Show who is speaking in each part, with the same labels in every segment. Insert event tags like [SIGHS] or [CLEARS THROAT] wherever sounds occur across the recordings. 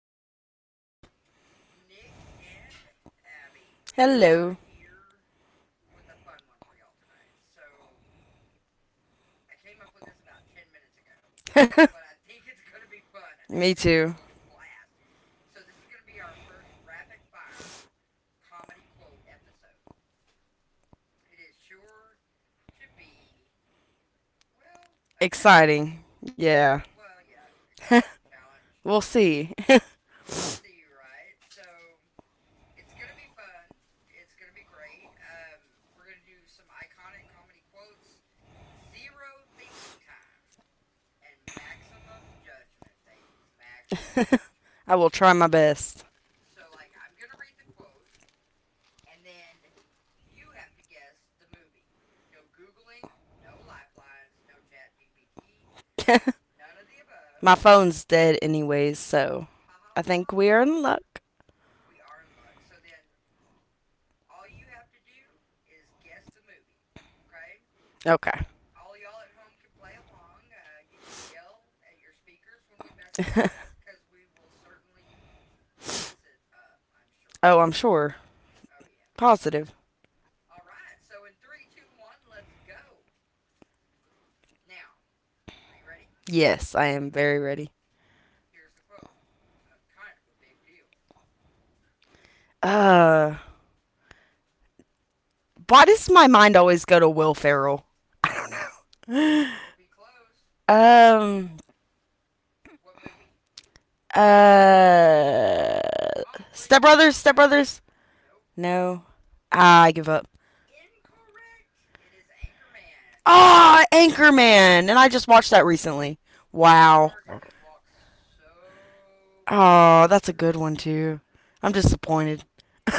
Speaker 1: back. It's Nick and Abby. We are
Speaker 2: Hello.
Speaker 1: here with a fun one for y'all tonight. So I came up with this about 10 minutes ago, but I think it's going to be fun.
Speaker 2: [LAUGHS]
Speaker 1: I think
Speaker 2: Me
Speaker 1: it's going to be
Speaker 2: too.
Speaker 1: blast. So this is going to be our first rapid fire comedy quote episode. It is sure to be, well, a
Speaker 2: Exciting.
Speaker 1: challenge.
Speaker 2: Yeah.
Speaker 1: Well, yeah, exciting
Speaker 2: [LAUGHS]
Speaker 1: challenge.
Speaker 2: We'll see. [LAUGHS]
Speaker 1: We'll see, right? So it's going to be fun. It's going to be great. We're going to do some iconic comedy quotes, zero thinking time, and maximum judgment, baby. Maximum judgment.
Speaker 2: I will try my best.
Speaker 1: So, like, I'm going to read the quote, and then you have to guess the movie. No Googling, no lifelines, no chat GPT,
Speaker 2: [LAUGHS]
Speaker 1: none of the
Speaker 2: My
Speaker 1: above.
Speaker 2: phone's dead, anyways, so
Speaker 1: Ha ha
Speaker 2: I think
Speaker 1: ha
Speaker 2: we
Speaker 1: ha
Speaker 2: are in
Speaker 1: ha.
Speaker 2: luck.
Speaker 1: We are in luck. So then all you have to do is guess the movie. Okay?
Speaker 2: Okay.
Speaker 1: All y'all at home can play along. You can yell at your speakers when we mess it up, because
Speaker 2: [LAUGHS]
Speaker 1: we will certainly mess it up, I'm
Speaker 2: Oh,
Speaker 1: sure.
Speaker 2: I'm sure.
Speaker 1: Oh, yeah. Oh,
Speaker 2: Positive.
Speaker 1: yeah. All right. So, in three, two, one, let's go. Now, are you ready?
Speaker 2: Yes, I am very ready.
Speaker 1: Here's the quote: I'm kind of a big deal.
Speaker 2: Uh, Why does my mind always go to Will Ferrell? I don't know.
Speaker 1: That would
Speaker 2: [LAUGHS]
Speaker 1: be close.
Speaker 2: Um.
Speaker 1: What movie?
Speaker 2: Uh.
Speaker 1: Come on, quick.
Speaker 2: Step
Speaker 1: This is
Speaker 2: Brothers.
Speaker 1: not
Speaker 2: Step
Speaker 1: rapid.
Speaker 2: Brothers.
Speaker 1: Nope.
Speaker 2: No. Ah, I give up.
Speaker 1: Incorrect. It is Anchorman.
Speaker 2: Ah, oh, Anchorman, and I just watched that recently.
Speaker 1: Ron
Speaker 2: Wow.
Speaker 1: Burgundy walked so many
Speaker 2: Oh, that's a good one
Speaker 1: influencers could
Speaker 2: too.
Speaker 1: run.
Speaker 2: I'm disappointed. [LAUGHS]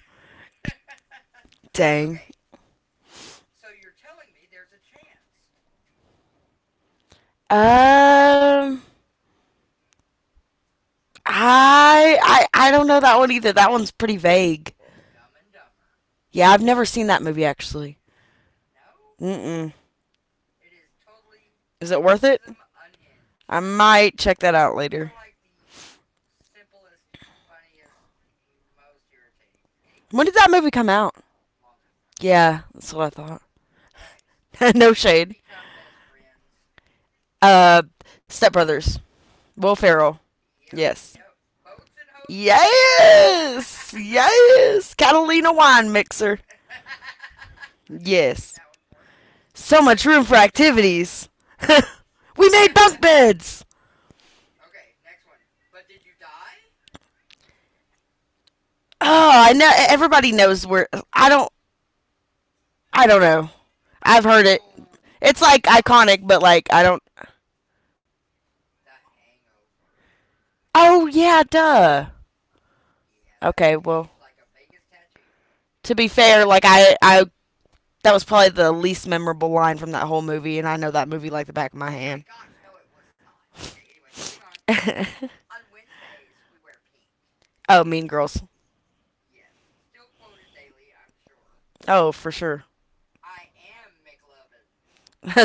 Speaker 1: [LAUGHS]
Speaker 2: Dang.
Speaker 1: Okay, so you're telling me there's a chance.
Speaker 2: Um, I
Speaker 1: Da-da.
Speaker 2: I I don't know that one either. That one's pretty vague.
Speaker 1: Dumb and Dumber.
Speaker 2: Yeah, I've never seen that movie actually.
Speaker 1: No?
Speaker 2: Mm, mm.
Speaker 1: It is totally
Speaker 2: Is it worth it?
Speaker 1: optimism
Speaker 2: I
Speaker 1: unhinged. I mean,
Speaker 2: might check that out later.
Speaker 1: they're like the simplest, funniest, most irritating.
Speaker 2: When
Speaker 1: Anyway,
Speaker 2: did that movie come out?
Speaker 1: long time ago.
Speaker 2: Yeah, that's what I thought.
Speaker 1: Next,
Speaker 2: [LAUGHS]
Speaker 1: did
Speaker 2: No
Speaker 1: we just
Speaker 2: shade.
Speaker 1: become best friends?
Speaker 2: Uh, Step Brothers. Will
Speaker 1: Yep,
Speaker 2: Ferrell.
Speaker 1: yep,
Speaker 2: Yes.
Speaker 1: yep. Boats and hose energy. [LAUGHS]
Speaker 2: Yes. Yes. Catalina wine mixer.
Speaker 1: I think you've
Speaker 2: Yes.
Speaker 1: seen that one before.
Speaker 2: So much
Speaker 1: But
Speaker 2: room for
Speaker 1: did you die?
Speaker 2: activities. [LAUGHS] We made bunk
Speaker 1: [LAUGHS]
Speaker 2: beds.
Speaker 1: Okay, next one. But did you die?
Speaker 2: Oh, I know. Everybody knows where. I don't. I don't know. I've heard it.
Speaker 1: Oh,
Speaker 2: It's like
Speaker 1: oh
Speaker 2: iconic, but
Speaker 1: gosh.
Speaker 2: like I don't.
Speaker 1: The Hangover.
Speaker 2: Oh yeah, duh.
Speaker 1: Yeah, that
Speaker 2: Okay,
Speaker 1: movie
Speaker 2: well,
Speaker 1: aged like a Vegas tattoo.
Speaker 2: to be fair, like I that was probably the least memorable line from that whole movie, and I know that movie like the back of my
Speaker 1: Oh
Speaker 2: hand.
Speaker 1: my gosh, no, it was not. Okay, anyway, moving on.
Speaker 2: [LAUGHS]
Speaker 1: On Wednesdays, we wear pink.
Speaker 2: Oh, Mean Girls.
Speaker 1: Yes, still quoted daily, I'm sure.
Speaker 2: Oh, for sure.
Speaker 1: I am McLovin.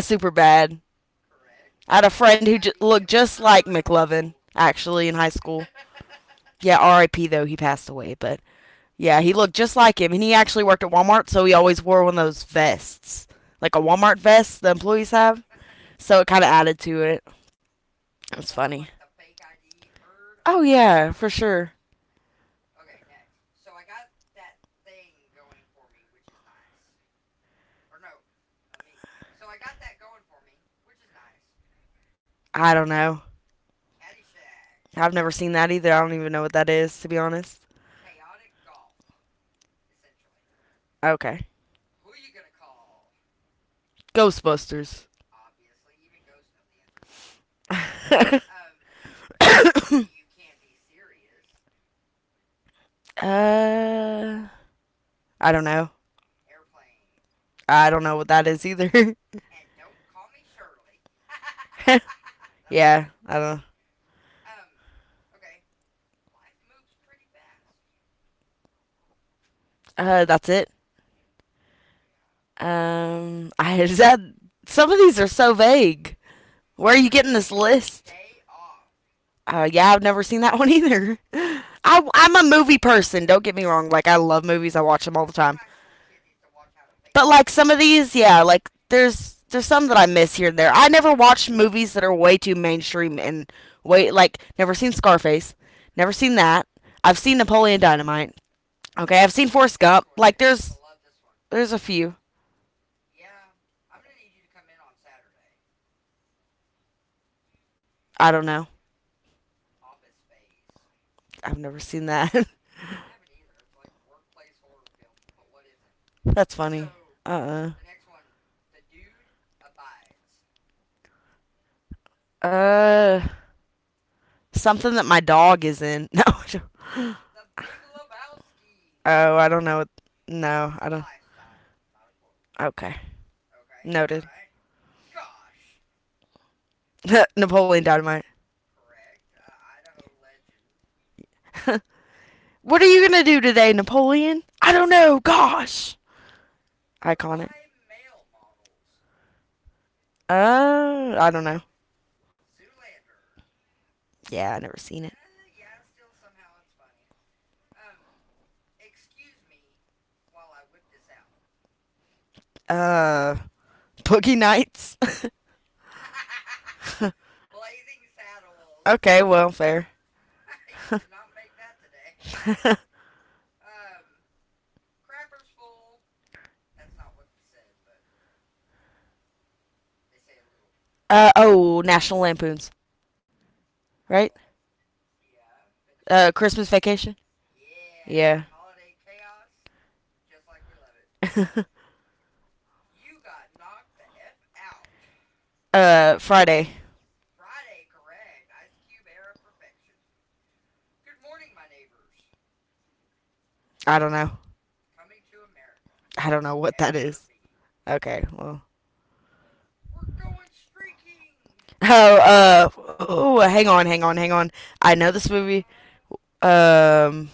Speaker 2: [LAUGHS] Super bad.
Speaker 1: Correct.
Speaker 2: I had a
Speaker 1: So it's a
Speaker 2: friend
Speaker 1: fake
Speaker 2: who
Speaker 1: ID
Speaker 2: looked
Speaker 1: that was
Speaker 2: just
Speaker 1: heard
Speaker 2: like
Speaker 1: around the
Speaker 2: McLovin
Speaker 1: world.
Speaker 2: actually in high school.
Speaker 1: [LAUGHS]
Speaker 2: Yeah, R.I.P., though he passed away, but yeah, he
Speaker 1: Aw.
Speaker 2: looked just like him, and he actually worked at Walmart, so he always wore one of those vests, like a Walmart vest the employees have.
Speaker 1: [LAUGHS]
Speaker 2: So it kind of added to it.
Speaker 1: Well,
Speaker 2: It's
Speaker 1: that was
Speaker 2: funny.
Speaker 1: like the fake ID heard
Speaker 2: Oh yeah,
Speaker 1: around the
Speaker 2: for sure.
Speaker 1: world. Okay, next. So I got that thing going for me, which is nice. Or no, let me. So I got that going for me, which is nice.
Speaker 2: I don't know.
Speaker 1: Caddyshack.
Speaker 2: I've never seen that either. I don't even know what that is, to be honest.
Speaker 1: Chaotic golf, essentially.
Speaker 2: Okay,
Speaker 1: Who you gonna call?
Speaker 2: Ghostbusters. [COUGHS]
Speaker 1: Obviously, even ghosts know the answer to that one.
Speaker 2: [LAUGHS] uh,
Speaker 1: Um, surely you can't be serious.
Speaker 2: I don't know.
Speaker 1: Airplane.
Speaker 2: I don't know what that is either.
Speaker 1: And don't call me Shirley. [LAUGHS]
Speaker 2: [LAUGHS]
Speaker 1: That was
Speaker 2: Yeah,
Speaker 1: another
Speaker 2: I
Speaker 1: funny
Speaker 2: don't. know.
Speaker 1: one. Um, okay. Life moves pretty fast.
Speaker 2: That's it.
Speaker 1: Yeah.
Speaker 2: I Is that some of these are so vague. Where are you
Speaker 1: Ferris
Speaker 2: getting this
Speaker 1: Bueller's
Speaker 2: list?
Speaker 1: Day Off.
Speaker 2: Yeah, I've never seen that one either. [LAUGHS] I,
Speaker 1: That's
Speaker 2: I'm a
Speaker 1: like
Speaker 2: movie person. Don't get me wrong. Like, I love movies. I watch them all the
Speaker 1: every
Speaker 2: time.
Speaker 1: high school kid needs to watch how to
Speaker 2: But
Speaker 1: fake a
Speaker 2: like,
Speaker 1: sick
Speaker 2: some of
Speaker 1: day.
Speaker 2: these, yeah, like there's some that I miss here and there. I never watch movies that are way too mainstream, and way like, never seen Scarface, never seen that. I've seen Napoleon Dynamite. Okay, I've
Speaker 1: Okay,
Speaker 2: seen Forrest Gump.
Speaker 1: next one
Speaker 2: Like,
Speaker 1: then. You're going
Speaker 2: there's
Speaker 1: to love this one.
Speaker 2: there's a few.
Speaker 1: Yeah, I'm going to need you to come in on Saturday.
Speaker 2: I don't know.
Speaker 1: Office Space.
Speaker 2: I've never seen that.
Speaker 1: Yeah, I haven't either. It's like workplace horror film, but what isn't?
Speaker 2: [LAUGHS] That's funny.
Speaker 1: So,
Speaker 2: Uh
Speaker 1: the next one: The Dude Abides.
Speaker 2: uh Uh Something that my dog is in. No. [LAUGHS]
Speaker 1: The Big Lebowski.
Speaker 2: Oh, I don't know. No,
Speaker 1: It's
Speaker 2: I
Speaker 1: a
Speaker 2: don't.
Speaker 1: lifestyle, not a quote.
Speaker 2: Okay.
Speaker 1: Okay,
Speaker 2: Noted.
Speaker 1: alright. Gosh!
Speaker 2: [LAUGHS] Napoleon Dynamite.
Speaker 1: Correct. Idaho legend.
Speaker 2: [LAUGHS] What
Speaker 1: But
Speaker 2: are you gonna
Speaker 1: why,
Speaker 2: do today, Napoleon? I don't know. Gosh.
Speaker 1: but
Speaker 2: Iconic.
Speaker 1: why male models?
Speaker 2: I don't know.
Speaker 1: Zoolander.
Speaker 2: Yeah, I never seen it.
Speaker 1: Yeah, still somehow it's funny. Um, excuse me while I whip this out.
Speaker 2: Uh, Boogie Nights. [LAUGHS]
Speaker 1: [LAUGHS]
Speaker 2: [LAUGHS]
Speaker 1: Blazing Saddles.
Speaker 2: Okay, well, fair. [LAUGHS]
Speaker 1: [LAUGHS] You
Speaker 2: [LAUGHS]
Speaker 1: could
Speaker 2: Blazing.
Speaker 1: not make that today. [LAUGHS]
Speaker 2: [LAUGHS]
Speaker 1: um, Crapper's Full. That's not what it said, but they say a little.
Speaker 2: Uh oh, National Lampoons, right?
Speaker 1: What? Yeah. Finish it?
Speaker 2: Christmas Vacation.
Speaker 1: Yeah.
Speaker 2: Yeah.
Speaker 1: Holiday chaos. Just like we love it.
Speaker 2: Chaos. [LAUGHS]
Speaker 1: You got knocked the F out.
Speaker 2: Friday.
Speaker 1: Friday, correct. Ice Cube era perfection. Good morning, my neighbors.
Speaker 2: I don't know.
Speaker 1: Coming to America.
Speaker 2: I don't know what
Speaker 1: Eddie
Speaker 2: that is.
Speaker 1: Murphy.
Speaker 2: Okay, well.
Speaker 1: We're going streaking.
Speaker 2: Oh, oh, hang on, hang on, hang on. I know this movie.
Speaker 1: Ah.
Speaker 2: Um,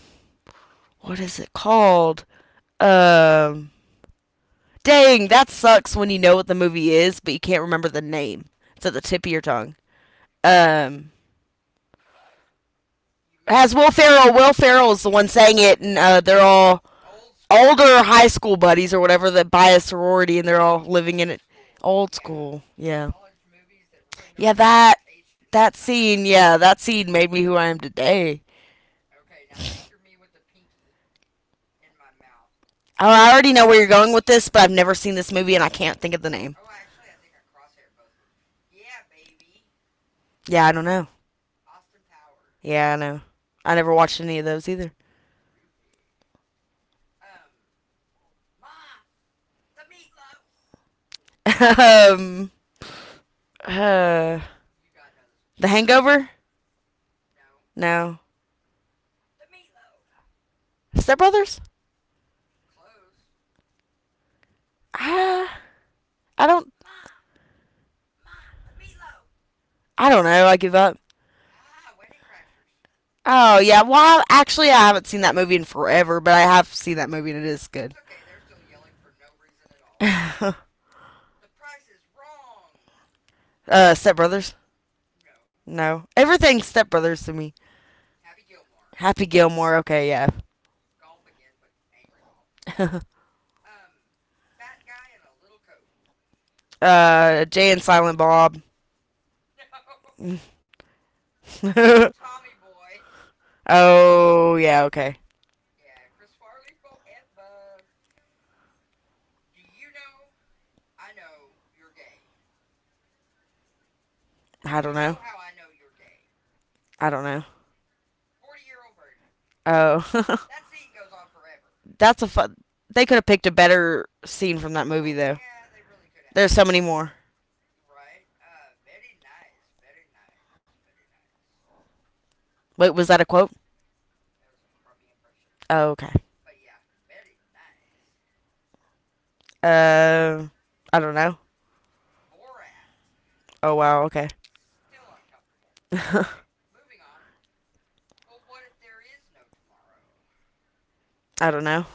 Speaker 2: what is it called? Um, Dang, that sucks when you know what the movie is, but you can't remember the name. It's at the tip of your tongue. Um,
Speaker 1: you mentioned
Speaker 2: has
Speaker 1: him
Speaker 2: Will Ferrell.
Speaker 1: earlier.
Speaker 2: Will Ferrell is the one saying it,
Speaker 1: Yes.
Speaker 2: and they're all
Speaker 1: Old
Speaker 2: older
Speaker 1: school.
Speaker 2: high school buddies or whatever that buy a sorority, and they're all living in
Speaker 1: Old
Speaker 2: it.
Speaker 1: school.
Speaker 2: Old
Speaker 1: Yeah.
Speaker 2: school, yeah,
Speaker 1: College movies that ruined our
Speaker 2: yeah. That
Speaker 1: expectations.
Speaker 2: that
Speaker 1: [LAUGHS]
Speaker 2: scene, yeah, that scene made me who I am today.
Speaker 1: Okay, now picture me with the pinky in my mouth.
Speaker 2: Oh, I
Speaker 1: Yeah,
Speaker 2: already know where you're going with this,
Speaker 1: baby.
Speaker 2: but I've never seen this movie, and I can't think of the name.
Speaker 1: Oh, actually, I think I crosshaired both of them. Yeah, baby.
Speaker 2: Yeah, I don't know.
Speaker 1: Austin Powers.
Speaker 2: Yeah, I know. I never watched any of those either.
Speaker 1: Groovy. Um, Ma! The meatloaf!
Speaker 2: [LAUGHS] um, [SIGHS] uh,
Speaker 1: You gotta know this one.
Speaker 2: The
Speaker 1: Ma!
Speaker 2: Hangover?
Speaker 1: No.
Speaker 2: No.
Speaker 1: The meatloaf!
Speaker 2: Step Brothers?
Speaker 1: Close.
Speaker 2: Ah, I don't.
Speaker 1: Ma! Ma! The meatloaf!
Speaker 2: I don't know. I give up.
Speaker 1: Ah, Wedding Crashers.
Speaker 2: Oh yeah. Well, actually, I haven't seen that movie in forever, but I have seen that movie, and it is
Speaker 1: It's
Speaker 2: good.
Speaker 1: okay, they're still yelling for no reason at all.
Speaker 2: [LAUGHS] uh,
Speaker 1: The price is wrong!
Speaker 2: Step Brothers?
Speaker 1: No.
Speaker 2: No, everything's Step Brothers to me.
Speaker 1: Happy Gilmore.
Speaker 2: Happy Gilmore. Okay, yeah.
Speaker 1: Golf again, but angry golf.
Speaker 2: [LAUGHS]
Speaker 1: Um, fat guy in a little coat.
Speaker 2: Jay and Silent Bob.
Speaker 1: No,
Speaker 2: [LAUGHS]
Speaker 1: [LAUGHS]
Speaker 2: Tommy.
Speaker 1: Tommy boy.
Speaker 2: Oh yeah. Okay.
Speaker 1: Yeah, Chris Farley forever. Do you know? I know you're gay.
Speaker 2: I
Speaker 1: You
Speaker 2: don't
Speaker 1: know
Speaker 2: know.
Speaker 1: how I know you're gay.
Speaker 2: I don't know.
Speaker 1: 40-year-old virgin. That
Speaker 2: Oh,
Speaker 1: scene goes on forever.
Speaker 2: [LAUGHS] that's a fun. They could have picked a better scene from that movie
Speaker 1: Quote,
Speaker 2: though.
Speaker 1: yeah, they really could have.
Speaker 2: There's so many more.
Speaker 1: Right? Very nice, very nice, very nice.
Speaker 2: Wait, was that a quote?
Speaker 1: It was a crummy impression.
Speaker 2: Oh, okay.
Speaker 1: But yeah, very nice.
Speaker 2: Uh, I don't know.
Speaker 1: Borat.
Speaker 2: Oh wow, okay.
Speaker 1: Still uncomfortable. Okay,
Speaker 2: [LAUGHS] I
Speaker 1: moving on. Well, what if there is no tomorrow?
Speaker 2: don't know.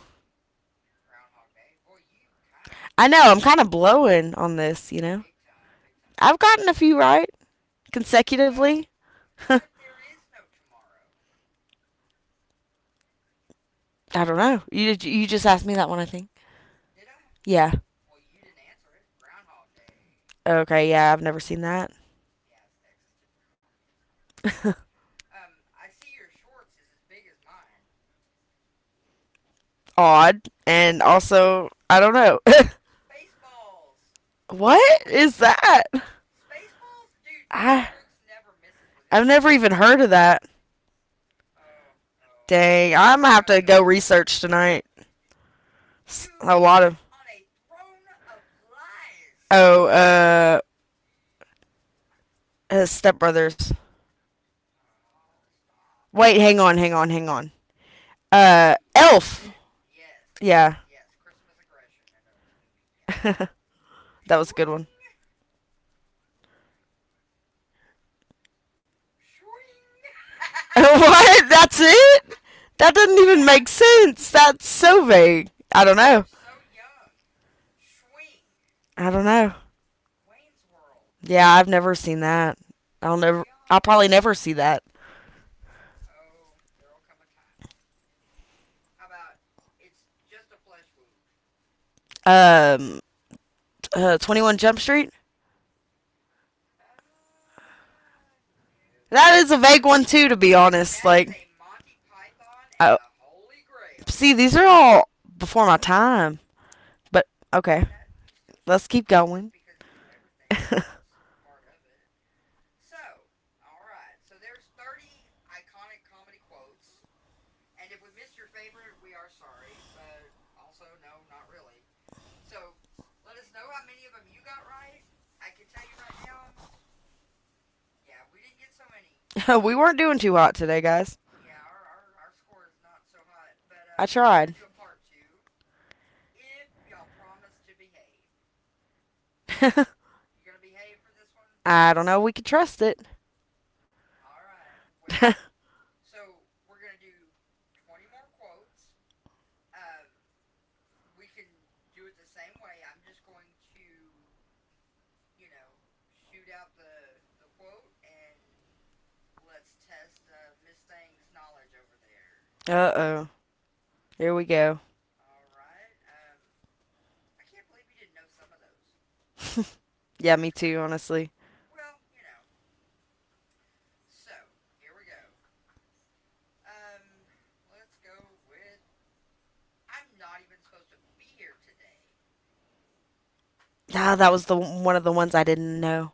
Speaker 1: Groundhog Day? Boy, you kind of
Speaker 2: I know I'm kind of blowing on this.
Speaker 1: big time, big time.
Speaker 2: I've gotten a few right consecutively.
Speaker 1: Well,
Speaker 2: [LAUGHS]
Speaker 1: what
Speaker 2: I
Speaker 1: if there is no tomorrow?
Speaker 2: don't know. You just asked me that one, I think.
Speaker 1: Did I?
Speaker 2: Yeah.
Speaker 1: Well, you didn't answer it. Groundhog Day.
Speaker 2: Okay. Yeah, I've never seen that.
Speaker 1: Yeah, it's existential comedy. It's not really. I see your shorts is as big as mine.
Speaker 2: [LAUGHS] Odd, and also I don't know.
Speaker 1: Spaceballs.
Speaker 2: [LAUGHS] What is that? Spaceballs,
Speaker 1: Spaceballs? Dude, Mel
Speaker 2: I
Speaker 1: Brooks never misses with his
Speaker 2: I've
Speaker 1: one
Speaker 2: never even
Speaker 1: liners.
Speaker 2: heard of that.
Speaker 1: Oh, oh.
Speaker 2: Dang,
Speaker 1: Yeah,
Speaker 2: I'm
Speaker 1: you
Speaker 2: gonna have
Speaker 1: gotta
Speaker 2: to
Speaker 1: go
Speaker 2: go
Speaker 1: look that up.
Speaker 2: research tonight.
Speaker 1: You
Speaker 2: A lot
Speaker 1: sit
Speaker 2: of,
Speaker 1: on a throne of lies.
Speaker 2: oh uh his stepbrothers.
Speaker 1: Oh, stop with the
Speaker 2: Wait,
Speaker 1: Step
Speaker 2: hang on,
Speaker 1: Brothers.
Speaker 2: hang on, hang on.
Speaker 1: You
Speaker 2: Elf.
Speaker 1: sit. Yes,
Speaker 2: Yeah,
Speaker 1: yes, yes. Christmas aggression in a movie. Yeah.
Speaker 2: [LAUGHS] that was a good one.
Speaker 1: Swing, swing.
Speaker 2: [LAUGHS] What? That's it? That doesn't even
Speaker 1: [LAUGHS] Yeah.
Speaker 2: make sense. That's so vague.
Speaker 1: Oh,
Speaker 2: I don't
Speaker 1: you are
Speaker 2: know.
Speaker 1: so young. Swing.
Speaker 2: I don't know.
Speaker 1: Wayne's World.
Speaker 2: Yeah, I've never seen that. I'll
Speaker 1: Party
Speaker 2: never. I'll
Speaker 1: on.
Speaker 2: probably never see that.
Speaker 1: Oh, there'll come a time. How about it's just a flesh wound?
Speaker 2: Um, 21 Jump Street.
Speaker 1: No.
Speaker 2: That
Speaker 1: Oh,
Speaker 2: is a
Speaker 1: you
Speaker 2: vague one
Speaker 1: definitely.
Speaker 2: too, to be honest.
Speaker 1: That is a
Speaker 2: Like,
Speaker 1: Monty Python and
Speaker 2: oh.
Speaker 1: the Holy Grail.
Speaker 2: See, these are all before my time. But okay.
Speaker 1: That you still should
Speaker 2: Let's
Speaker 1: know
Speaker 2: keep
Speaker 1: them just
Speaker 2: going.
Speaker 1: because you know
Speaker 2: [LAUGHS]
Speaker 1: everything, and that's part of it. So, all right. So there's 30 iconic comedy quotes, and if we missed your favorite, we are sorry, but also no, not really. So let us know how many of them you got right. I can tell you right now. Yeah, we didn't get so many
Speaker 2: We
Speaker 1: right.
Speaker 2: weren't doing too hot today, guys.
Speaker 1: Yeah, our score is not so hot, but
Speaker 2: I
Speaker 1: we're going to
Speaker 2: tried.
Speaker 1: do a part two if y'all promise to behave.
Speaker 2: [LAUGHS]
Speaker 1: You going to behave for this one?
Speaker 2: I don't know. We could trust it.
Speaker 1: All right.
Speaker 2: [LAUGHS] Uh
Speaker 1: Well, so we're going to do 20 more quotes. Um, we can do it the same way. I'm just going to, you know, shoot out the quote and let's test Miss Thang's knowledge over there.
Speaker 2: oh. Here we go.
Speaker 1: All right. I can't believe you didn't know some of those.
Speaker 2: [LAUGHS] Yeah, me
Speaker 1: That's
Speaker 2: too.
Speaker 1: crazy.
Speaker 2: Honestly,
Speaker 1: Well, you know. So, here we go. Um, let's go with. I'm not even supposed to be here today,
Speaker 2: that was the one of the ones I didn't know.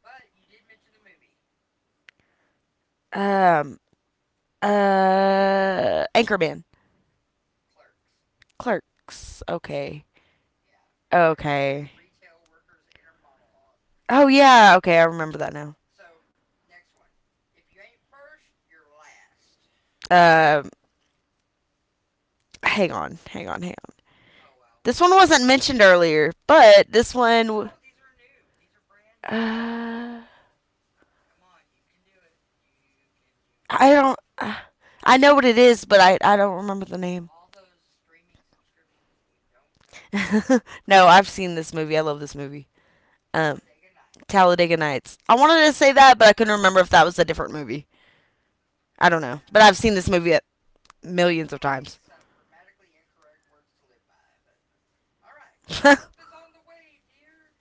Speaker 1: but you did mention the movie.
Speaker 2: Um, Anchorman,
Speaker 1: Clerks.
Speaker 2: Clerks. Okay,
Speaker 1: Yeah, every
Speaker 2: okay.
Speaker 1: retail worker's inner monologue.
Speaker 2: Oh yeah, okay, I remember that now.
Speaker 1: So, next one. If you ain't first, you're last.
Speaker 2: Um, uh, Hang on, hang on, hang on.
Speaker 1: Oh wow, we
Speaker 2: This one
Speaker 1: are
Speaker 2: wasn't mentioned
Speaker 1: really.
Speaker 2: earlier, but this
Speaker 1: Well,
Speaker 2: one.
Speaker 1: no, these are new. These are brand new.
Speaker 2: Uh,
Speaker 1: Come on, you can do it. You can do
Speaker 2: I
Speaker 1: it.
Speaker 2: don't. I know what it is, but I don't remember the name.
Speaker 1: All those streaming subscriptions, and you don't know that
Speaker 2: [LAUGHS]
Speaker 1: one?
Speaker 2: No, I've seen this movie. I love this movie. Um,
Speaker 1: Talladega Nights.
Speaker 2: Talladega Nights. I wanted to say that, but I couldn't remember if that was a different movie. I don't know, but I've
Speaker 1: Yeah,
Speaker 2: seen
Speaker 1: there
Speaker 2: this
Speaker 1: are
Speaker 2: movie, millions of
Speaker 1: definitely
Speaker 2: times.
Speaker 1: some grammatically incorrect words to live by, but all right.
Speaker 2: [LAUGHS]
Speaker 1: Help is on the way, dear.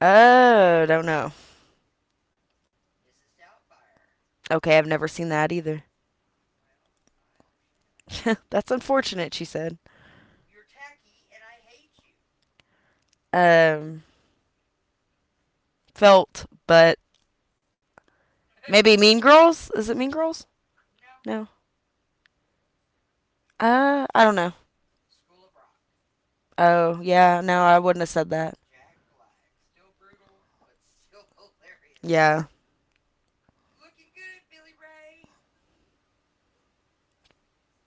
Speaker 2: Oh, don't know.
Speaker 1: Mrs. Doubtfire.
Speaker 2: Okay, I've never seen that either.
Speaker 1: Well, I understand. I can
Speaker 2: [LAUGHS]
Speaker 1: tell.
Speaker 2: That's unfortunate, she said.
Speaker 1: You're tacky and I hate you.
Speaker 2: Um, Felt, but maybe Mean
Speaker 1: [LAUGHS]
Speaker 2: Girls? Is it Mean Girls?
Speaker 1: No.
Speaker 2: No. No. I don't know.
Speaker 1: School of Rock.
Speaker 2: Oh, yeah, no, I wouldn't have said that.
Speaker 1: Jack Black. Still brutal, but still [LAUGHS] hilarious.
Speaker 2: Yeah.
Speaker 1: Looking good, Billy Ray.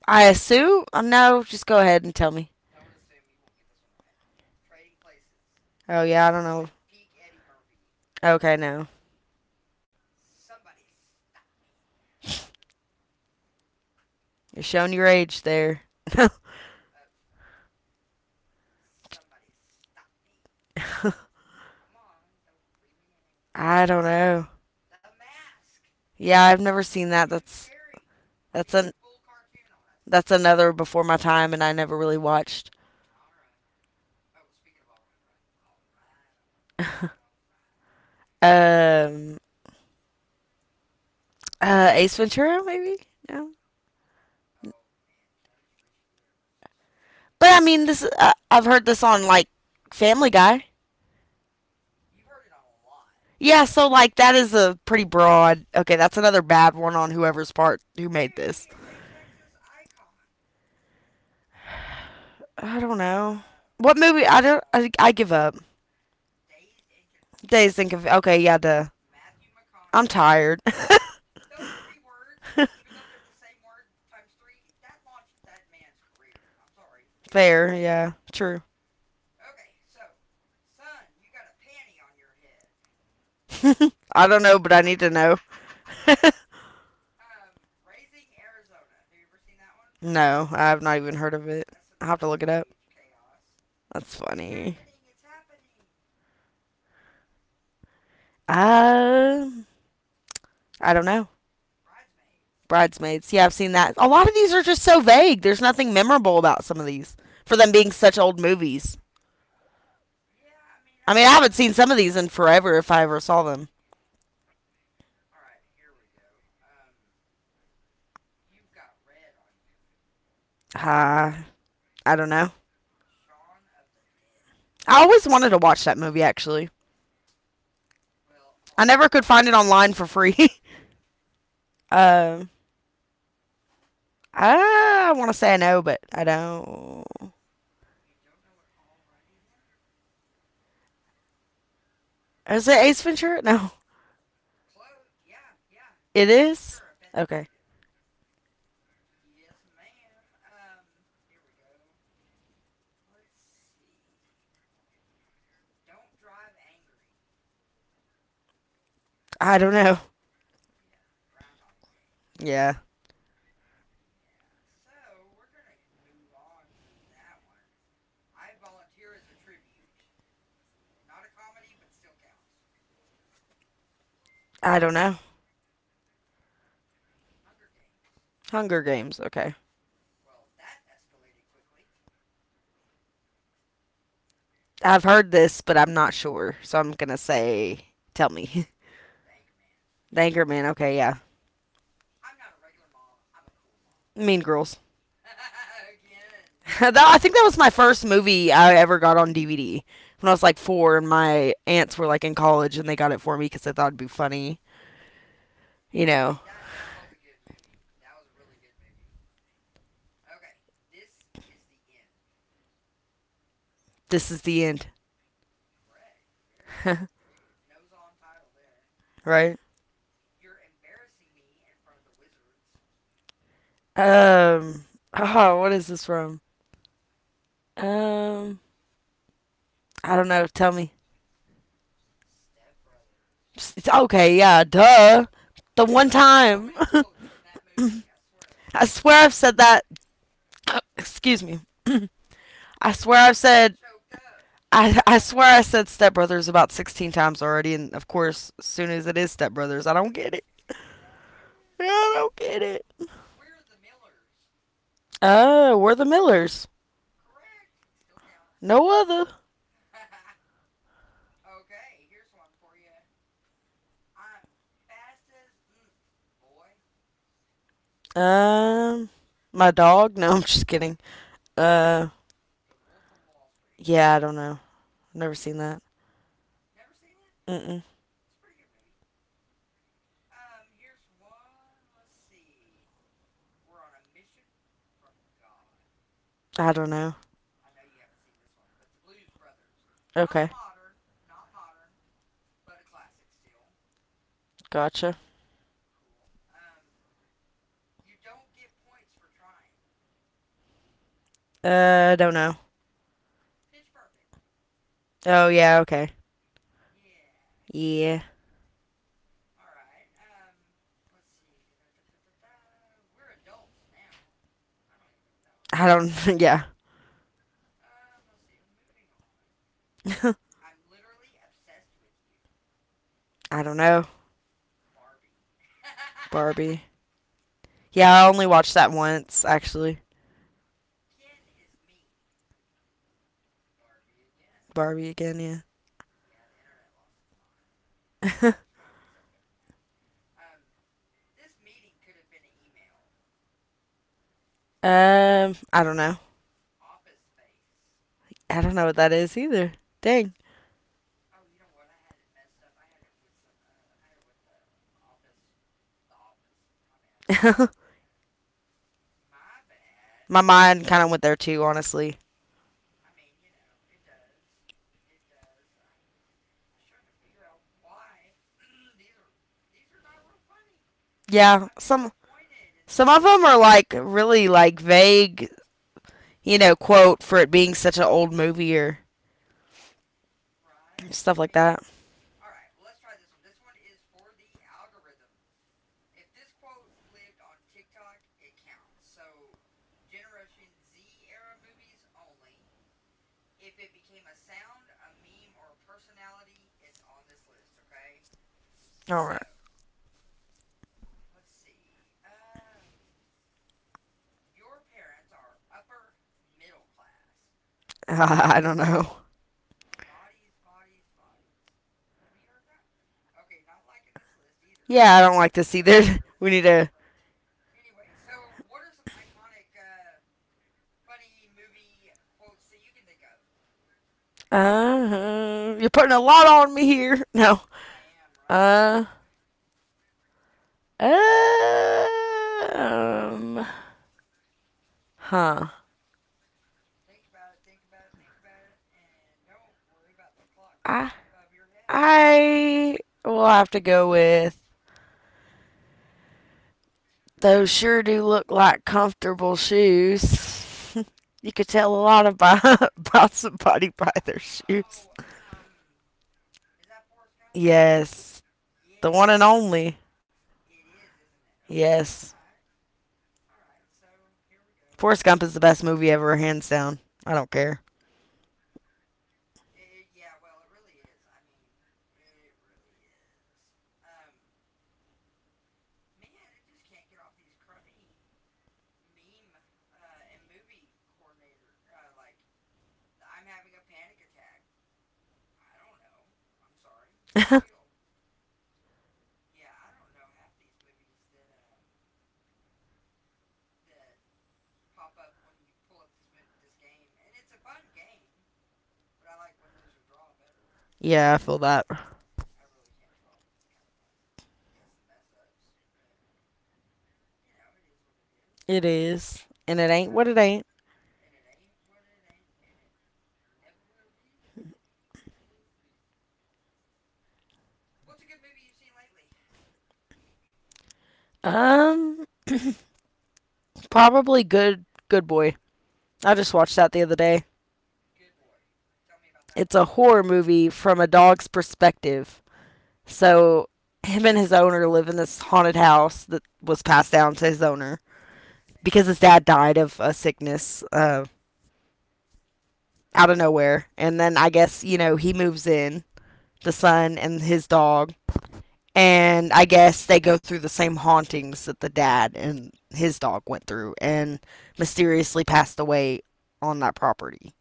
Speaker 2: I assume? No, just go ahead and tell me.
Speaker 1: Don't assume you won't get this one right. Trading Places.
Speaker 2: Oh, yeah, I don't know.
Speaker 1: Like peak Eddie Murphy
Speaker 2: Okay,
Speaker 1: era.
Speaker 2: no.
Speaker 1: Somebody stop me.
Speaker 2: You're showing your age there. [LAUGHS]
Speaker 1: Uh, somebody stop me. Come on, don't leave me hanging.
Speaker 2: I don't know.
Speaker 1: The Mask!
Speaker 2: Yeah, I've never seen that.
Speaker 1: Jim Carrey, when he
Speaker 2: That's an
Speaker 1: went full cartoon on us.
Speaker 2: that's another before my time, and I never really watched.
Speaker 1: Alright, alright. Oh, speaking of alright, alright. Alright, alright, alright.
Speaker 2: Um, Ace Ventura, maybe no.
Speaker 1: Oh man, can I just reach through there and just smack you?
Speaker 2: But I mean, this, I've heard this on like Family Guy.
Speaker 1: You've heard it on a lot.
Speaker 2: Yeah, so
Speaker 1: Cause,
Speaker 2: like that is a pretty broad. Okay, that's another bad one on whoever's part who made
Speaker 1: dude, he
Speaker 2: this.
Speaker 1: is a Texas icon.
Speaker 2: I don't know
Speaker 1: Alright,
Speaker 2: what movie. I
Speaker 1: alright,
Speaker 2: don't. I give up.
Speaker 1: alright. Dazed and
Speaker 2: Days, think of,
Speaker 1: confused.
Speaker 2: okay, yeah, duh.
Speaker 1: Matthew
Speaker 2: I'm
Speaker 1: McConaughey. That
Speaker 2: tired. [LAUGHS]
Speaker 1: those
Speaker 2: Those
Speaker 1: three words,
Speaker 2: three [LAUGHS]
Speaker 1: even though they're the same word times three, that launched that man's career. I'm sorry, it did.
Speaker 2: Fair, yeah, true.
Speaker 1: Okay, so, son, you got a panty on your head.
Speaker 2: [LAUGHS] I don't know, but I need to know.
Speaker 1: [LAUGHS]
Speaker 2: [LAUGHS]
Speaker 1: Raising Arizona. Have you ever seen that one?
Speaker 2: No, I have not even heard of it.
Speaker 1: That's some
Speaker 2: I'll have to
Speaker 1: Nicolas
Speaker 2: look it up.
Speaker 1: Cage chaos.
Speaker 2: That's
Speaker 1: It's
Speaker 2: funny.
Speaker 1: happening, it's happening.
Speaker 2: Um, I don't know.
Speaker 1: Bridesmaids.
Speaker 2: Bridesmaids. Yeah, I've seen that. A lot of these are just so vague. There's nothing memorable about some of these for them being such old movies.
Speaker 1: Yeah, I mean,
Speaker 2: I mean, I haven't seen
Speaker 1: yeah.
Speaker 2: some of these in forever, if I ever saw them.
Speaker 1: All right, here we go. You've got red on you.
Speaker 2: Uh, I don't know.
Speaker 1: Shaun of the Dead.
Speaker 2: I always wanted to watch that movie, actually.
Speaker 1: Well,
Speaker 2: I never could find it
Speaker 1: alrighty
Speaker 2: online for
Speaker 1: then.
Speaker 2: free. [LAUGHS] um, I want to say I know, but I don't.
Speaker 1: You don't know what alrighty's in?
Speaker 2: Is it Ace Ventura? No.
Speaker 1: Close. Yeah, yeah.
Speaker 2: It
Speaker 1: Ace
Speaker 2: is?
Speaker 1: Ventura, Pet
Speaker 2: Okay.
Speaker 1: Detective. Yes, ma'am. Here we go. Let's see. Don't drive angry.
Speaker 2: I don't know.
Speaker 1: Yeah, Groundhog Day.
Speaker 2: Yeah.
Speaker 1: Yeah, so we're gonna move on through that one. I volunteer as a tribute. Not a comedy, but still counts.
Speaker 2: I don't know.
Speaker 1: Hunger Games.
Speaker 2: Hunger Games. Okay.
Speaker 1: Well, that escalated quickly.
Speaker 2: I've heard this, but I'm not sure. So I'm going to say, tell me.
Speaker 1: The Anchorman.
Speaker 2: [LAUGHS] The Anchorman. Okay, yeah.
Speaker 1: I'm not a regular mom, I'm a cool mom.
Speaker 2: Mean Girls.
Speaker 1: [LAUGHS] Again,
Speaker 2: [LAUGHS] I think
Speaker 1: correct.
Speaker 2: that was my first movie I ever got on DVD when I was like four, and my aunts were like in college, and they got it for me because they thought it'd be funny. You
Speaker 1: I
Speaker 2: know,
Speaker 1: mean that was a good movie. That was a really good movie. Okay, this is the end.
Speaker 2: this is the end.
Speaker 1: Correct. Very good. Very good. Nose on title there.
Speaker 2: [LAUGHS] Right?
Speaker 1: You're embarrassing me in front of the wizards.
Speaker 2: Um, oh, what is this from? Um, I don't know. Tell me.
Speaker 1: Step Brothers.
Speaker 2: It's okay, yeah, duh. The
Speaker 1: There
Speaker 2: one
Speaker 1: are so
Speaker 2: time.
Speaker 1: many quotes from that
Speaker 2: [LAUGHS]
Speaker 1: movie, I swear.
Speaker 2: I swear I've said that. [COUGHS] Excuse me. [COUGHS] I swear I've
Speaker 1: [LAUGHS] All
Speaker 2: said.
Speaker 1: choked up.
Speaker 2: I
Speaker 1: [LAUGHS]
Speaker 2: swear I said Step Brothers about 16 times already, and of course, as soon as it is Step Brothers, I don't get it.
Speaker 1: You don't get
Speaker 2: [LAUGHS]
Speaker 1: it.
Speaker 2: I don't get it.
Speaker 1: We're the Millers.
Speaker 2: Oh, we're the Millers.
Speaker 1: Correct. It still counts.
Speaker 2: No other.
Speaker 1: [LAUGHS] Okay, here's one for you. I'm fast as mm, boy.
Speaker 2: Um, my dog? No, [LAUGHS] I'm just kidding. Uh,
Speaker 1: The Wolf of Wall Street.
Speaker 2: yeah, I don't know. Never seen
Speaker 1: Okay,
Speaker 2: that.
Speaker 1: never seen it.
Speaker 2: Mm-mm.
Speaker 1: It's a pretty good movie. Here's one. Let's see. We're on a mission from God.
Speaker 2: I don't know.
Speaker 1: I know you haven't seen this one, but The Blues Brothers. Not
Speaker 2: Okay.
Speaker 1: modern, not modern, but a classic still.
Speaker 2: Gotcha.
Speaker 1: Cool. You don't get points for trying.
Speaker 2: I don't know.
Speaker 1: Pitch Perfect.
Speaker 2: Oh, yeah, okay.
Speaker 1: Yeah,
Speaker 2: Yeah.
Speaker 1: yeah. All right. Let's see. Da, da, da, da, da, da. We're adults now. I don't even know what that one
Speaker 2: I
Speaker 1: is.
Speaker 2: don't, [LAUGHS] yeah.
Speaker 1: Let's see. Moving on.
Speaker 2: [LAUGHS]
Speaker 1: I'm literally obsessed with you,
Speaker 2: I don't know.
Speaker 1: Barbie.
Speaker 2: Barbie.
Speaker 1: [LAUGHS]
Speaker 2: Yeah, I only watched that
Speaker 1: yeah.
Speaker 2: once, actually.
Speaker 1: Ken is me, Barbie again.
Speaker 2: Barbie again,
Speaker 1: Yeah, the internet lost its mind. I mean, I don't,
Speaker 2: yeah. [LAUGHS]
Speaker 1: there's got to be something better than that. Um, this meeting could have been an email.
Speaker 2: I don't know.
Speaker 1: Office space.
Speaker 2: I don't know what that is either. Dang.
Speaker 1: Oh, you know what? I had it messed up. I had it with some. I had it with the office The Office. My bad, my bad, my
Speaker 2: [LAUGHS]
Speaker 1: bad. My
Speaker 2: My
Speaker 1: bad.
Speaker 2: mind kind of went there too, honestly.
Speaker 1: I mean, you know, it does. It does. I'm just trying to figure out why [CLEARS THROAT] these are not real funny.
Speaker 2: Yeah,
Speaker 1: I'm disappointed in this
Speaker 2: some of them are
Speaker 1: game.
Speaker 2: like really like vague, quote for it being such an old movie or
Speaker 1: Right?
Speaker 2: stuff
Speaker 1: I
Speaker 2: like that.
Speaker 1: mean, all right, well, let's try this one. This one is for the algorithm. If this quote lived on TikTok, it counts. So, Generation Z era movies only. If it became a sound, a meme, or a personality, it's on this list, okay?
Speaker 2: All right.
Speaker 1: So,
Speaker 2: [LAUGHS]
Speaker 1: let's see. Your parents are upper middle class.
Speaker 2: I don't know.
Speaker 1: Bodies, bodies, bodies. Have you heard that? Okay, not liking this list either. I
Speaker 2: Yeah, I
Speaker 1: don't
Speaker 2: don't like
Speaker 1: even
Speaker 2: this either.
Speaker 1: know
Speaker 2: [LAUGHS]
Speaker 1: where this
Speaker 2: We need
Speaker 1: list came
Speaker 2: to.
Speaker 1: from. Anyway, so what are some iconic, funny movie quotes that you can think of?
Speaker 2: You're putting a lot on me here. [LAUGHS] No.
Speaker 1: I am, right?
Speaker 2: Uh. Um. Huh.
Speaker 1: Think about it, think about it, think about it, and don't worry about the clock
Speaker 2: I,
Speaker 1: ticking above your head.
Speaker 2: I will have to go with those sure do look like comfortable shoes. [LAUGHS] You could tell a lot about [LAUGHS] about somebody by their shoes.
Speaker 1: Oh, is that Forrest Gump?
Speaker 2: Yes, the one and only.
Speaker 1: Yeah, it is, isn't it? Okay, all
Speaker 2: Yes,
Speaker 1: right, all right. So here we go. Let's
Speaker 2: Forrest Gump is the
Speaker 1: try.
Speaker 2: best movie ever, hands down. I don't care.
Speaker 1: Yeah, well, it really is. I mean, it really is. Man, it just can't get off these crummy meme and movie coordinator like the I'm having a panic attack I don't know. I'm sorry. Take a
Speaker 2: [LAUGHS]
Speaker 1: pill. Yeah, I don't know half these movies that that pop up when you pull up this game, and it's a fun game. But I like win, lose, or draw better.
Speaker 2: Yeah, I feel that.
Speaker 1: I really can't draw, but it's kind of fun to guess the mess ups. But you know, it is what it is.
Speaker 2: It is, and it ain't what it
Speaker 1: Um,
Speaker 2: ain't.
Speaker 1: and it ain't what it ain't, and it never will be what it never will be. What's a good movie you've seen lately?
Speaker 2: Um, [COUGHS] [CLEARS THROAT] Probably good boy. I just watched that the other day.
Speaker 1: Good boy. Tell me about that
Speaker 2: It's
Speaker 1: one.
Speaker 2: a horror movie from a dog's perspective. So him and his owner
Speaker 1: Oh,
Speaker 2: live in this haunted house that was passed down to his owner
Speaker 1: Snap?
Speaker 2: because his dad died of a sickness out of nowhere. And then I guess, you know, he moves in, the son and his dog. And I guess they go through the same hauntings that the dad and his dog went through and mysteriously passed away on that property.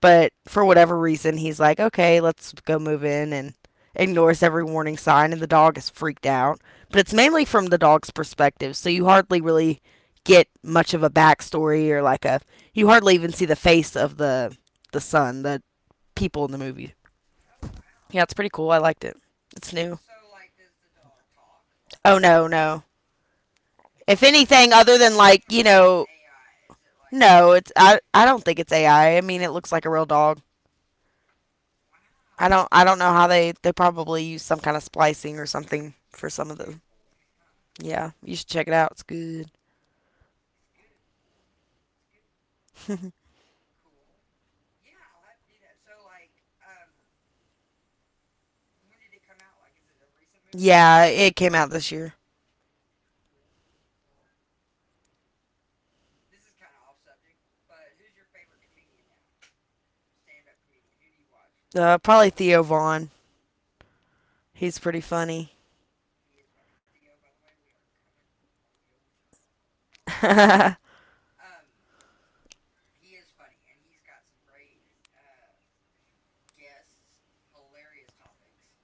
Speaker 2: But for whatever reason, he's like, okay, let's go move in and ignores every warning sign, and the dog is freaked out. But it's mainly from the dog's perspective, so you hardly really get much of a backstory or like a. You hardly even see the face of the son, the people in the movie.
Speaker 1: Oh,
Speaker 2: Yeah, it's
Speaker 1: wow.
Speaker 2: pretty cool. I liked it. It's new.
Speaker 1: So, like, does the dog talk?
Speaker 2: Oh
Speaker 1: Or
Speaker 2: no, no. If
Speaker 1: does the
Speaker 2: anything,
Speaker 1: dog
Speaker 2: other
Speaker 1: do
Speaker 2: than like
Speaker 1: acting?
Speaker 2: you
Speaker 1: Or is it
Speaker 2: know,
Speaker 1: AI? Is it, like,
Speaker 2: no,
Speaker 1: computer
Speaker 2: it's I.
Speaker 1: generated?
Speaker 2: I don't think it's AI. I mean, it looks like a real dog. I don't know
Speaker 1: Wow.
Speaker 2: how they probably use some kind of splicing or something for some of the
Speaker 1: Good boy, huh?
Speaker 2: yeah. You should check it out. It's good.
Speaker 1: It's good, boy. It's good.
Speaker 2: [LAUGHS]
Speaker 1: Cool. Yeah, I'll have to do that. So, like, when did it come out? Like, is it a recent movie or is
Speaker 2: Yeah,
Speaker 1: it
Speaker 2: it came out this year.
Speaker 1: cool? Cool. This is kind of off subject, but who's your favorite comedian now? Stand up comedian. Who do you watch when you need a good
Speaker 2: Probably Theo
Speaker 1: laugh?
Speaker 2: Vaughn. He's pretty
Speaker 1: Theo
Speaker 2: funny.
Speaker 1: Vaughn. He is funny. Theo, by the way, we are coming for your job. No, I'm
Speaker 2: [LAUGHS]
Speaker 1: kidding.
Speaker 2: Yeah,
Speaker 1: Um, he is funny, and he's got some great um, guests, hilarious topics,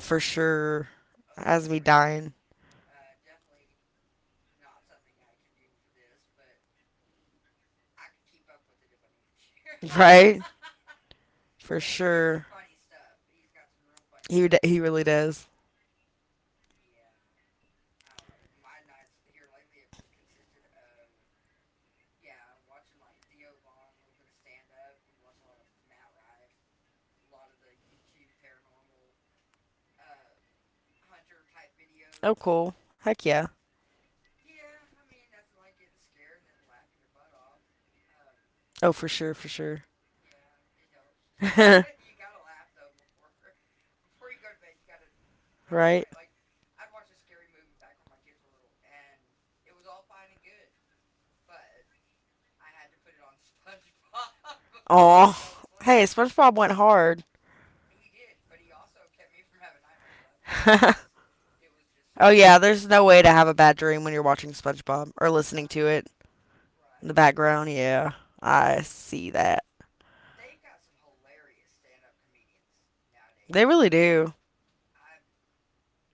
Speaker 2: for sure.
Speaker 1: a
Speaker 2: Has
Speaker 1: little
Speaker 2: me dying.
Speaker 1: racy. Definitely not something I can do for this, but I could keep up with it if I needed
Speaker 2: [LAUGHS] Right?
Speaker 1: to. [LAUGHS]
Speaker 2: For
Speaker 1: yeah, he's got some
Speaker 2: sure.
Speaker 1: funny stuff. He's got some real funny stuff.
Speaker 2: He really does.
Speaker 1: Yeah. I don't know. My nights here lately have just consisted of yeah, watching like Theo Vaughn, a little bit of stand up. We watch a lot of Matt Rife, a lot of the YouTube paranormal uh, hunter type
Speaker 2: Oh,
Speaker 1: videos.
Speaker 2: cool. Heck yeah.
Speaker 1: Yeah, I mean nothing like getting scared and then laughing your butt off. Um,
Speaker 2: Oh, for sure, for sure.
Speaker 1: yeah, it helps.
Speaker 2: [LAUGHS]
Speaker 1: [LAUGHS] you gotta laugh though before [LAUGHS] before you go to bed. You gotta put on something
Speaker 2: Right?
Speaker 1: funny. Like I'd watch a scary movie back when my kids were little, and it was all fine and good, but I had to put it on SpongeBob [LAUGHS]
Speaker 2: [LAUGHS]
Speaker 1: before I
Speaker 2: Aw.
Speaker 1: fell asleep.
Speaker 2: Hey, SpongeBob went hard.
Speaker 1: He did, but he also kept me from having nightmares, I think, because
Speaker 2: [LAUGHS]
Speaker 1: it was just so
Speaker 2: Oh, yeah,
Speaker 1: crazy.
Speaker 2: there's no way to have a bad dream when you're watching SpongeBob or listening to
Speaker 1: Right?
Speaker 2: it in the
Speaker 1: Right.
Speaker 2: background. Yeah, I see that.
Speaker 1: They've got some hilarious stand up comedians nowadays.
Speaker 2: They
Speaker 1: I
Speaker 2: really
Speaker 1: mean,
Speaker 2: do.
Speaker 1: I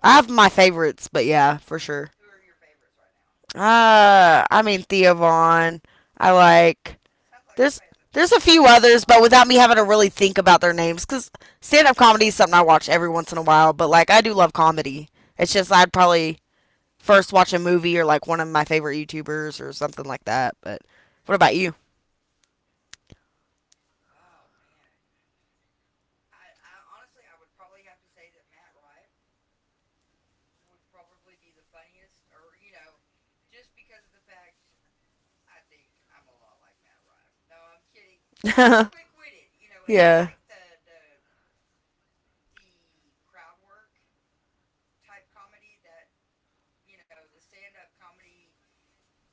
Speaker 2: I
Speaker 1: who
Speaker 2: have my favorites, but yeah, for sure.
Speaker 1: are your favorites right now?
Speaker 2: I mean, Theo Vaughn. I like.
Speaker 1: Sounds like
Speaker 2: There's.
Speaker 1: somebody has a
Speaker 2: There's a
Speaker 1: Theo
Speaker 2: few others,
Speaker 1: Von
Speaker 2: but without me having
Speaker 1: crush.
Speaker 2: to really think about their names, because stand-up comedy is something I watch every once in a while. But like, I do love comedy. It's just I'd probably first watch a movie or like one of my favorite YouTubers or something like that. But what about you?
Speaker 1: Oh man. I honestly I would probably have to say that Matt Rife would probably be the funniest or you know, just because of the fact I think I'm a lot like Matt Rife. No, I'm kidding.
Speaker 2: [LAUGHS]
Speaker 1: He's
Speaker 2: Quick
Speaker 1: quick-witted, you know, and I
Speaker 2: yeah.
Speaker 1: like the the crowd work type comedy that you know the stand-up comedy.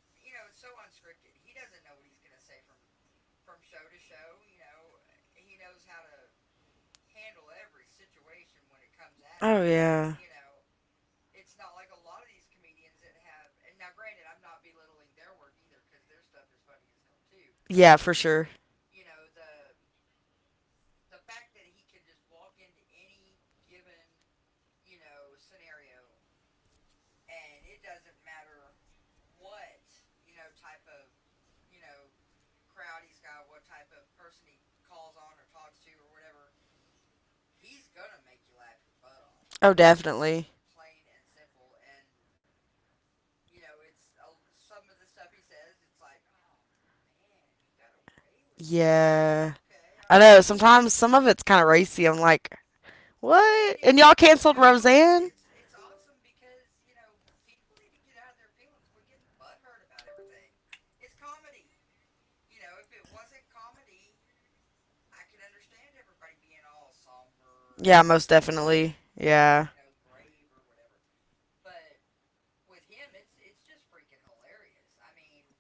Speaker 1: You know, it's so unscripted. He doesn't know what he's gonna say from show to show. You know, he knows how to handle every situation when it comes at him,
Speaker 2: Oh
Speaker 1: and
Speaker 2: yeah.
Speaker 1: you know, it's not like a lot of these comedians that have. And now, granted, I'm not belittling their work either because their stuff is funny as hell too.
Speaker 2: Yeah,
Speaker 1: But
Speaker 2: for sure.
Speaker 1: you know, the fact that he can just walk into any given, you know, scenario and it doesn't matter what, you know, type of, you know, crowd he's got, what type of person he calls on or talks to or whatever, he's going to make you laugh your butt off. I
Speaker 2: Oh,
Speaker 1: mean, just
Speaker 2: definitely.
Speaker 1: plain and simple and you know, it's some of the stuff he says, it's like, "Oh man, he got away with saying that."
Speaker 2: Yeah.
Speaker 1: Okay, all
Speaker 2: I know.
Speaker 1: right.
Speaker 2: Sometimes some of it's kind of racy. I'm like,
Speaker 1: It
Speaker 2: what? And
Speaker 1: is,
Speaker 2: y'all
Speaker 1: but you
Speaker 2: canceled
Speaker 1: know what?
Speaker 2: Roseanne?
Speaker 1: It's awesome because you know people need to get out of their feelings, quit getting butthurt about everything. It's comedy. You know, if it wasn't comedy, I could understand everybody being all somber and
Speaker 2: Yeah,
Speaker 1: like they're
Speaker 2: most
Speaker 1: going to their
Speaker 2: definitely. Yeah.
Speaker 1: you know grave or whatever. But with him, it's just freaking hilarious. I mean,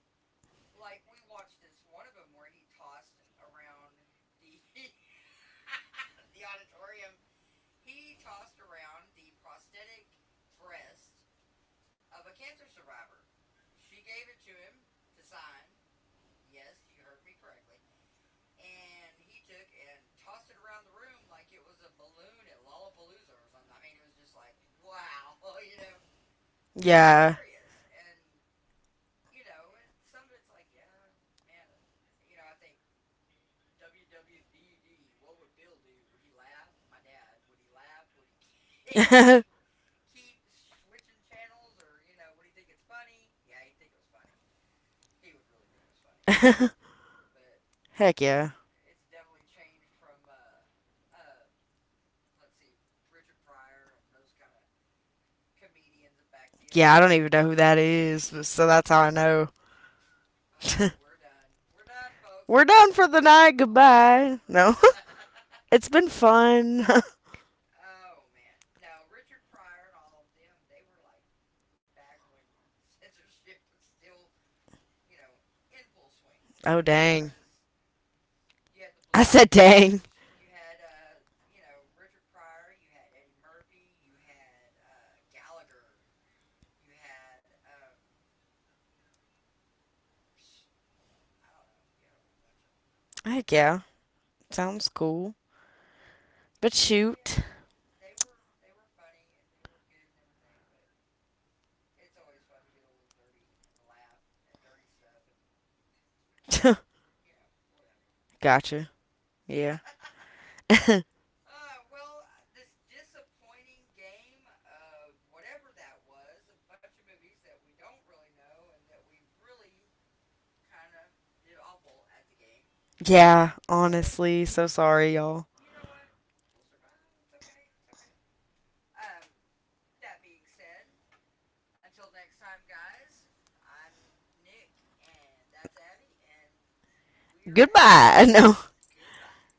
Speaker 1: like we watched this one of them where he tossed around the [LAUGHS] the auditorium He tossed around the prosthetic breast of a cancer survivor. She gave it to him to sign. Yes, you heard me correctly. And he took and tossed it around the room like it was a balloon at Lollapalooza or something. I mean, it was just like, wow, [LAUGHS] you know, it was
Speaker 2: Yeah.
Speaker 1: hilarious. And, you know, some of it's like, yeah, man, you know, I think WWBD, what would Bill do? Would he laugh? My dad, would he laugh? Would he [LAUGHS] keep keep switching channels or, you know, would he think it's funny? Yeah, he'd think it was funny. He would really
Speaker 2: [LAUGHS]
Speaker 1: think it was funny.
Speaker 2: It's funny.
Speaker 1: But
Speaker 2: [LAUGHS] Heck yeah.
Speaker 1: it's definitely changed from um let's see, Richard Pryor and those kind of comedians back
Speaker 2: Yeah, I
Speaker 1: then.
Speaker 2: don't even know who that is, but so that's how I know. [LAUGHS]
Speaker 1: Oh,
Speaker 2: We're
Speaker 1: we're done. We're done, folks.
Speaker 2: We're
Speaker 1: That's
Speaker 2: done
Speaker 1: it.
Speaker 2: for the
Speaker 1: That's
Speaker 2: night.
Speaker 1: all
Speaker 2: Goodbye.
Speaker 1: over.
Speaker 2: No. [LAUGHS]
Speaker 1: [LAUGHS]
Speaker 2: It's been fun.
Speaker 1: Oh man, no, Richard Pryor and all of them, they were like back when [LAUGHS] censorship was still, you know, in full swing.
Speaker 2: [LAUGHS] Oh,
Speaker 1: As far
Speaker 2: dang.
Speaker 1: as you had the
Speaker 2: I
Speaker 1: Blues
Speaker 2: said dang.
Speaker 1: Brothers, you had you know, Richard Pryor, you had Eddie Murphy, you had Gallagher, you had I don't know, you had a whole bunch of them.
Speaker 2: Heck yeah.
Speaker 1: But
Speaker 2: Sounds cool. But shoot.
Speaker 1: yeah, they were funny and they were good and everything, but it's always fun to get a little dirty and laugh at dirty stuff and
Speaker 2: [LAUGHS]
Speaker 1: you know, whatever.
Speaker 2: Gotcha.
Speaker 1: Whatever.
Speaker 2: Yeah. [LAUGHS]
Speaker 1: Well, this disappointing game of whatever that was, a bunch of movies that we don't really know and that we really kind of did awful at the game.
Speaker 2: Yeah,
Speaker 1: But
Speaker 2: honestly. So sorry, y'all.
Speaker 1: you know what? We'll survive. It's okay. It's okay. Um, that being said, until next time, guys, I'm Nick, and that's Abby, and we're out.
Speaker 2: Goodbye. [LAUGHS] No.
Speaker 1: Goodbye.